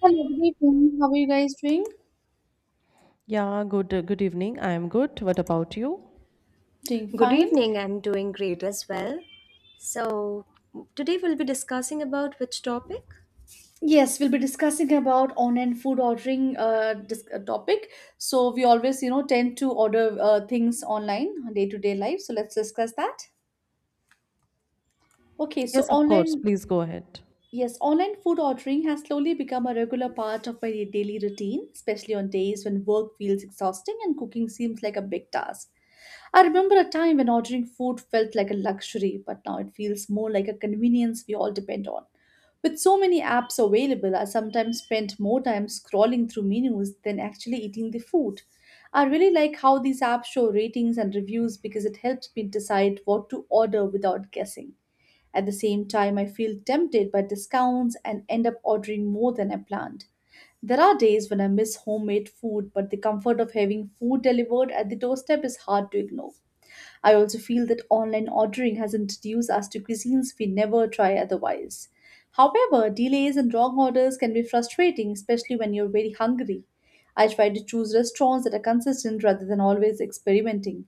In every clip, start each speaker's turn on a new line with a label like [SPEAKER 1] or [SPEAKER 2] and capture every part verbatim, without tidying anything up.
[SPEAKER 1] Hello, good evening. How are you guys doing?
[SPEAKER 2] Yeah, good good evening. I am good. What about you?
[SPEAKER 1] Doing
[SPEAKER 3] Good
[SPEAKER 1] fine?
[SPEAKER 3] evening. I'm doing great as well. So, today we'll be discussing about which topic?
[SPEAKER 1] Yes, we'll be discussing about online food ordering uh, dis- uh, topic. So we always, you know, tend to order uh, things online, day to day life. So let's discuss that. Okay, so
[SPEAKER 2] Yes, of course.
[SPEAKER 1] online.
[SPEAKER 2] Please go ahead.
[SPEAKER 1] Yes, online food ordering has slowly become a regular part of my daily routine, especially on days when work feels exhausting and cooking seems like a big task. I remember a time when ordering food felt like a luxury, but now it feels more like a convenience we all depend on. With so many apps available, I sometimes spend more time scrolling through menus than actually eating the food. I really like how these apps show ratings and reviews because it helps me decide what to order without guessing. At the same time, I feel tempted by discounts and end up ordering more than I planned. There are days when I miss homemade food, but the comfort of having food delivered at the doorstep is hard to ignore. I also feel that online ordering has introduced us to cuisines we never try otherwise. However, delays and wrong orders can be frustrating, especially when you're very hungry. I try to choose restaurants that are consistent rather than always experimenting.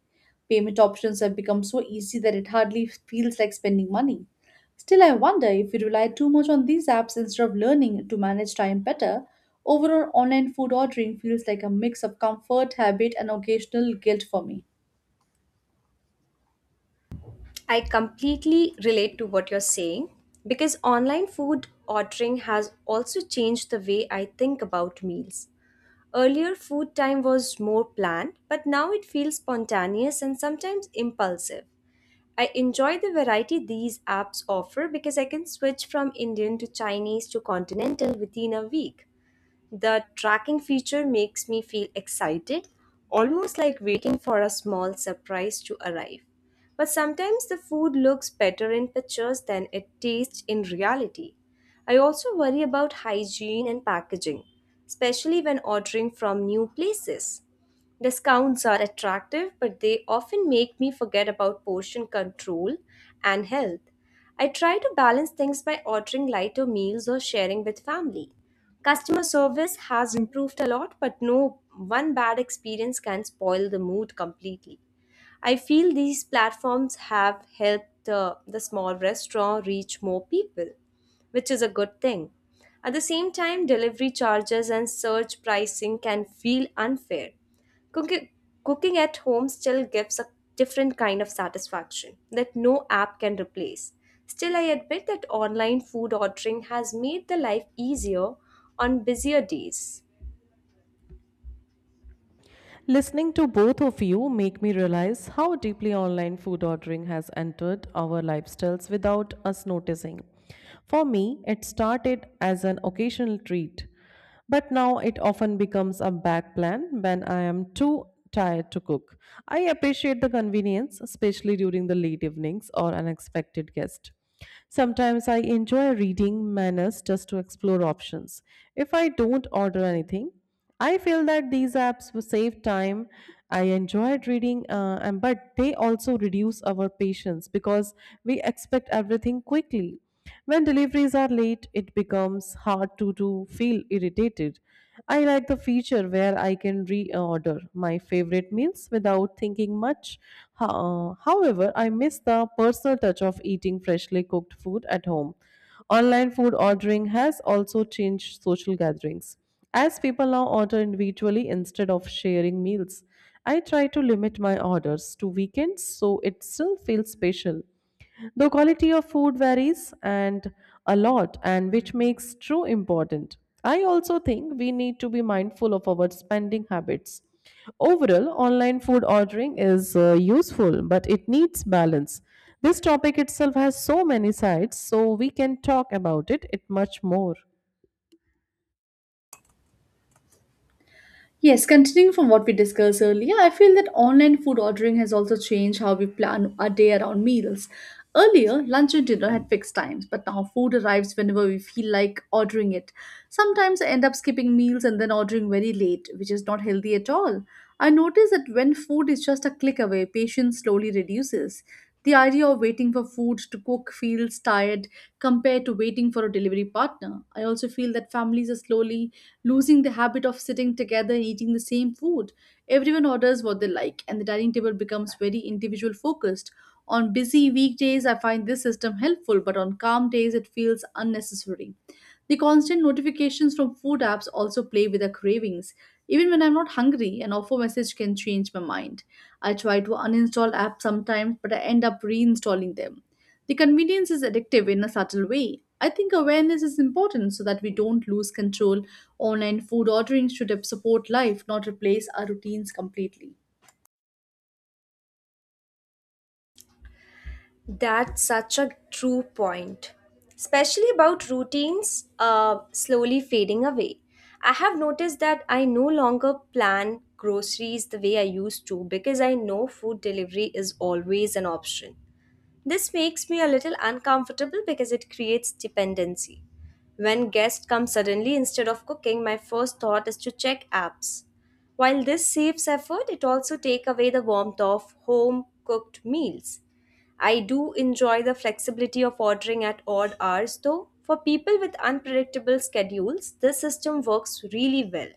[SPEAKER 1] Payment options have become so easy that it hardly feels like spending money. Still, I wonder if we rely too much on these apps instead of learning to manage time better. Overall, online food ordering feels like a mix of comfort, habit, and occasional guilt for me.
[SPEAKER 3] I completely relate to what you're saying because online food ordering has also changed the way I think about meals. Earlier, food time was more planned, but now it feels spontaneous and sometimes impulsive. I enjoy the variety these apps offer because I can switch from Indian to Chinese to continental within a week. The tracking feature makes me feel excited, almost like waiting for a small surprise to arrive. But sometimes the food looks better in pictures than it tastes in reality. I also worry about hygiene and packaging, especially when ordering from new places. Discounts are attractive, but they often make me forget about portion control and health. I try to balance things by ordering lighter meals or sharing with family. Customer service has improved a lot, but no one bad experience can spoil the mood completely. I feel these platforms have helped uh, the small restaurant reach more people, which is a good thing. At the same time, delivery charges and surge pricing can feel unfair. Cooking, cooking at home still gives a different kind of satisfaction that no app can replace. Still, I admit that online food ordering has made the life easier on busier days.
[SPEAKER 2] Listening to both of you make me realize how deeply online food ordering has entered our lifestyles without us noticing. For me, it started as an occasional treat, but now it often becomes a back plan when I am too tired to cook. I appreciate the convenience, especially during the late evenings or unexpected guests. Sometimes I enjoy reading menus just to explore options. If I don't order anything, I feel that these apps will save time. I enjoyed reading, uh, and but they also reduce our patience because we expect everything quickly. When deliveries are late, it becomes hard to do feel irritated. I like the feature where I can reorder my favorite meals without thinking much. Ho- uh, however, I miss the personal touch of eating freshly cooked food at home. Online food ordering has also changed social gatherings. As people now order individually instead of sharing meals, I try to limit my orders to weekends so it still feels special. The quality of food varies and a lot and which makes true important. I also think we need to be mindful of our spending habits. Overall, online food ordering is uh, useful but it needs balance. This topic itself has so many sides so we can talk about it it much more.
[SPEAKER 1] Yes, continuing from what we discussed earlier, I feel that online food ordering has also changed how we plan our day around meals. Earlier, lunch and dinner had fixed times, but now food arrives whenever we feel like ordering it. Sometimes I end up skipping meals and then ordering very late, which is not healthy at all. I notice that when food is just a click away, patience slowly reduces. The idea of waiting for food to cook feels tired compared to waiting for a delivery partner. I also feel that families are slowly losing the habit of sitting together and eating the same food. Everyone orders what they like, and the dining table becomes very individual focused. On busy weekdays, I find this system helpful, but on calm days, it feels unnecessary. The constant notifications from food apps also play with our cravings. Even when I'm not hungry, an offer message can change my mind. I try to uninstall apps sometimes, but I end up reinstalling them. The convenience is addictive in a subtle way. I think awareness is important so that we don't lose control. Online food ordering should support life, not replace our routines completely.
[SPEAKER 3] That's such a true point, especially about routines uh, slowly fading away. I have noticed that I no longer plan groceries the way I used to because I know food delivery is always an option. This makes me a little uncomfortable because it creates dependency. When guests come suddenly instead of cooking, my first thought is to check apps. While this saves effort, it also takes away the warmth of home cooked meals. I do enjoy the flexibility of ordering at odd hours though. For people with unpredictable schedules, this system works really well.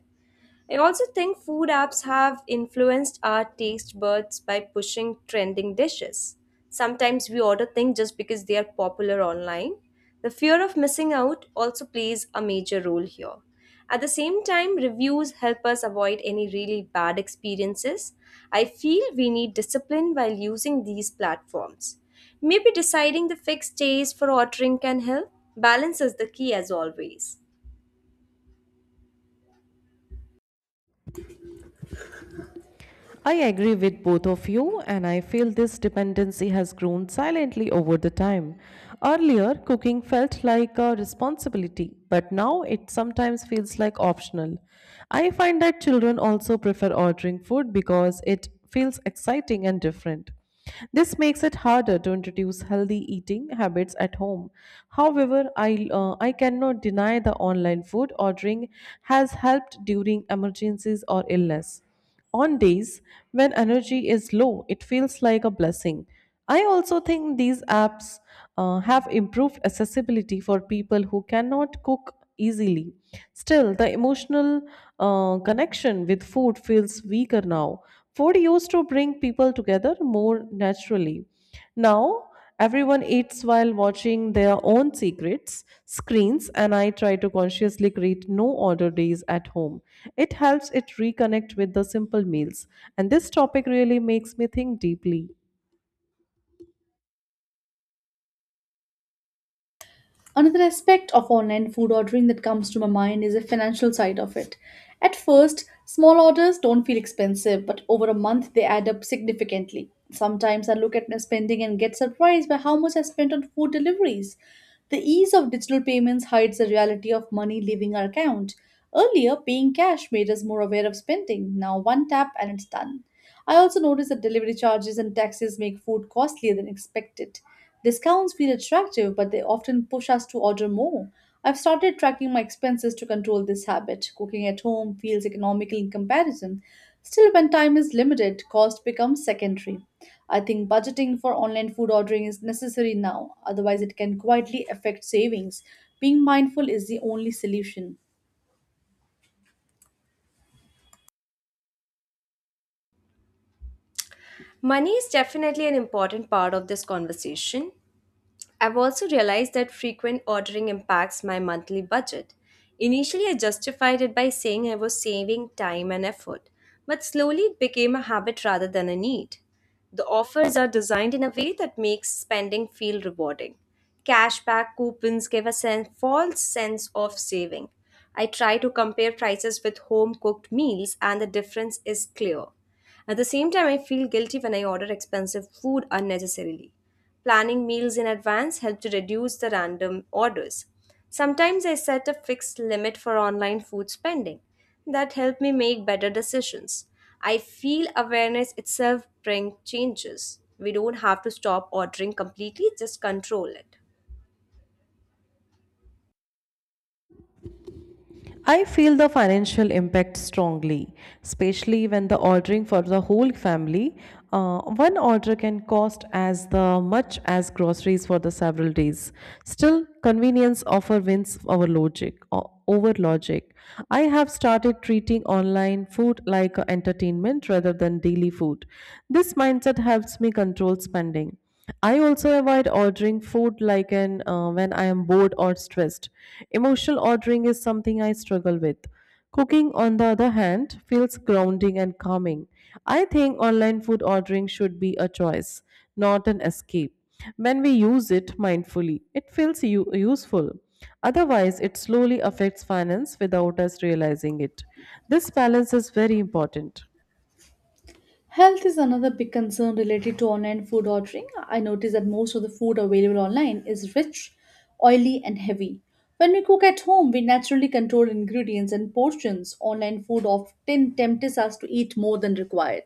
[SPEAKER 3] I also think food apps have influenced our taste buds by pushing trending dishes. Sometimes we order things just because they are popular online. The fear of missing out also plays a major role here. At the same time, reviews help us avoid any really bad experiences. I feel we need discipline while using these platforms. Maybe deciding the fixed days for ordering can help. Balance is the key as always.
[SPEAKER 2] I agree with both of you, and I feel this dependency has grown silently over the time. Earlier, cooking felt like a responsibility, but now it sometimes feels like optional. I find that children also prefer ordering food because it feels exciting and different. This makes it harder to introduce healthy eating habits at home. However, I uh, I cannot deny the online food ordering has helped during emergencies or illness. On days when energy is low, it feels like a blessing. I also think these apps uh, have improved accessibility for people who cannot cook easily. Still, the emotional uh, connection with food feels weaker now. Food used to bring people together more naturally. Now, everyone eats while watching their own secrets, screens, and I try to consciously create no order days at home. It helps it reconnect with the simple meals. And this topic really makes me think deeply.
[SPEAKER 1] Another aspect of online food ordering that comes to my mind is the financial side of it. At first, small orders don't feel expensive, but over a month they add up significantly. Sometimes I look at my spending and get surprised by how much I spent on food deliveries. The ease of digital payments hides the reality of money leaving our account. Earlier, paying cash made us more aware of spending. Now, one tap and it's done. I also noticed that delivery charges and taxes make food costlier than expected. Discounts feel attractive, but they often push us to order more. I've started tracking my expenses to control this habit. Cooking at home feels economical in comparison. Still, when time is limited, cost becomes secondary. I think budgeting for online food ordering is necessary now, otherwise, it can quietly affect savings. Being mindful is the only solution.
[SPEAKER 3] Money is definitely an important part of this conversation. I've also realized that frequent ordering impacts my monthly budget. Initially, I justified it by saying I was saving time and effort, but slowly it became a habit rather than a need. The offers are designed in a way that makes spending feel rewarding. Cashback coupons give a sen- false sense of saving. I try to compare prices with home cooked meals, and the difference is clear. At the same time, I feel guilty when I order expensive food unnecessarily. Planning meals in advance helps to reduce the random orders. Sometimes I set a fixed limit for online food spending. That helps me make better decisions. I feel awareness itself brings changes. We don't have to stop ordering completely, just control it.
[SPEAKER 2] I feel the financial impact strongly, especially when the ordering for the whole family. Uh, one order can cost as the much as groceries for the several days. Still, convenience offer wins over logic. o- Over logic, I have started treating online food like a entertainment rather than daily food. This mindset helps me control spending. I also avoid ordering food like an uh, when I am bored or stressed. Emotional ordering is something I struggle with. Cooking, on the other hand, feels grounding and calming. I think online food ordering should be a choice, not an escape. When we use it mindfully, it feels u- useful. Otherwise, it slowly affects finance without us realizing it. This balance is very important.
[SPEAKER 1] Health is another big concern related to online food ordering. I notice that most of the food available online is rich, oily, and heavy. When we cook at home, we naturally control ingredients and portions. Online food often tempts us to eat more than required.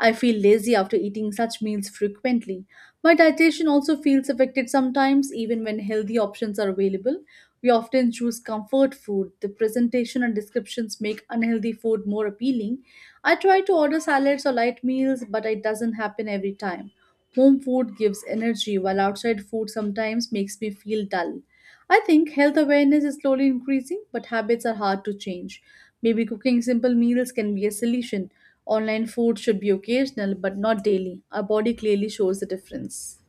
[SPEAKER 1] I feel lazy after eating such meals frequently. My digestion also feels affected sometimes, even when healthy options are available. We often choose comfort food. The presentation and descriptions make unhealthy food more appealing. I try to order salads or light meals, but it doesn't happen every time. Home food gives energy, while outside food sometimes makes me feel dull. I think health awareness is slowly increasing, but habits are hard to change. Maybe cooking simple meals can be a solution. Online food should be occasional but not daily. Our body clearly shows the difference.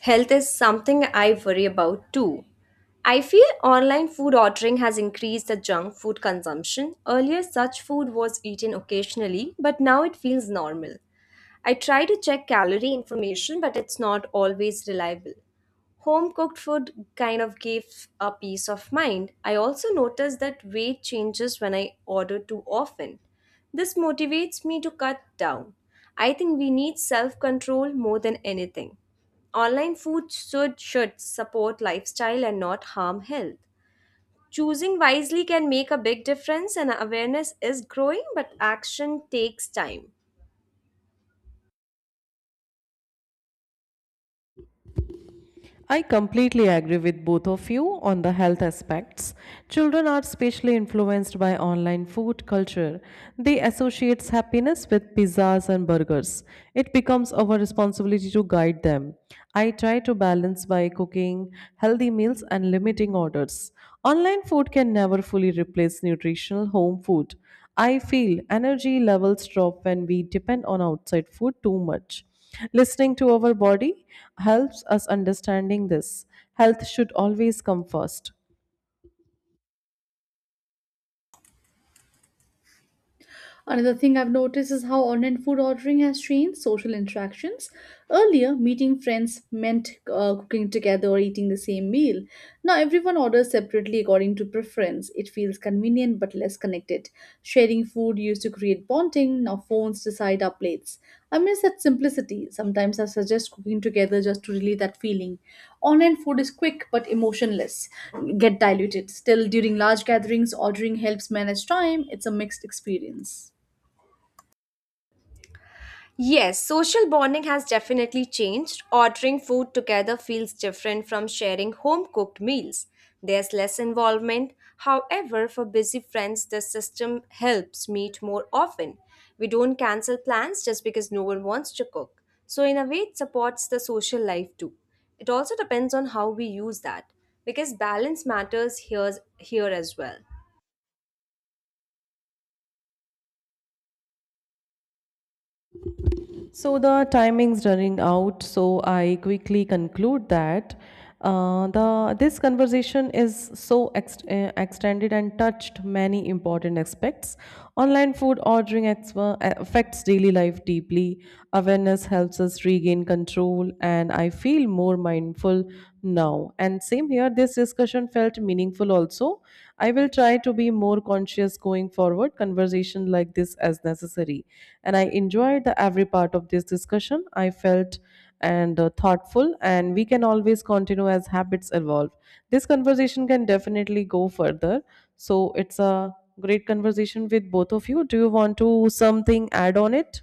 [SPEAKER 3] Health is something I worry about too. I feel online food ordering has increased the junk food consumption. Earlier, such food was eaten occasionally, but now it feels normal. I try to check calorie information, but it's not always reliable. Home cooked food kind of gives a peace of mind. I also notice that weight changes when I order too often. This motivates me to cut down. I think we need self control more than anything. Online food should, should support lifestyle and not harm health. Choosing wisely can make a big difference, and awareness is growing, but action takes time.
[SPEAKER 2] I completely agree with both of you on the health aspects. Children are especially influenced by online food culture. They associate happiness with pizzas and burgers. It becomes our responsibility to guide them. I try to balance by cooking healthy meals and limiting orders. Online food can never fully replace nutritional home food. I feel energy levels drop when we depend on outside food too much. Listening to our body helps us understanding this. Health should always come first.
[SPEAKER 1] Another thing I've noticed is how online food ordering has changed social interactions. Earlier, meeting friends meant uh, cooking together or eating the same meal. Now, everyone orders separately according to preference. It feels convenient but less connected. Sharing food used to create bonding. Now, phones decide our plates. I miss that simplicity. Sometimes I suggest cooking together just to relieve that feeling. Online food is quick but emotionless, get diluted. Still, during large gatherings, ordering helps manage time. It's a mixed experience.
[SPEAKER 3] Yes, social bonding has definitely changed. Ordering food together feels different from sharing home cooked meals. There's less involvement. However, for busy friends, the system helps meet more often. We don't cancel plans just because no one wants to cook. So, in a way, it supports the social life too. It also depends on how we use that because balance matters here, here as well.
[SPEAKER 2] So the timing's running out. So I quickly conclude that uh, the this conversation is so ex- uh, extended and touched many important aspects. Online food ordering ex- uh, affects daily life deeply. Awareness helps us regain control, and I feel more mindful now. And same here, this discussion felt meaningful also. I will try to be more conscious going forward, conversation like this as necessary. And I enjoyed the every part of this discussion. I felt and uh, thoughtful and we can always continue as habits evolve. This conversation can definitely go further. So it's a great conversation with both of you. Do you want to something add on it?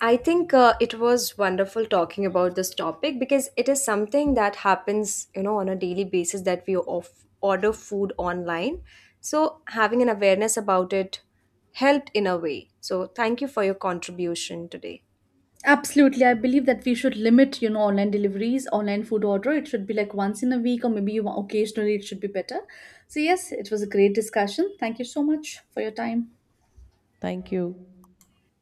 [SPEAKER 3] I think uh, it was wonderful talking about this topic because it is something that happens, you know, on a daily basis that we off- order food online. So having an awareness about it helped in a way. So thank you for your contribution today.
[SPEAKER 1] Absolutely. I believe that we should limit, you know, online deliveries, online food order. It should be like once in a week or maybe occasionally it should be better. So yes, it was a great discussion. Thank you so much for your time.
[SPEAKER 2] Thank you.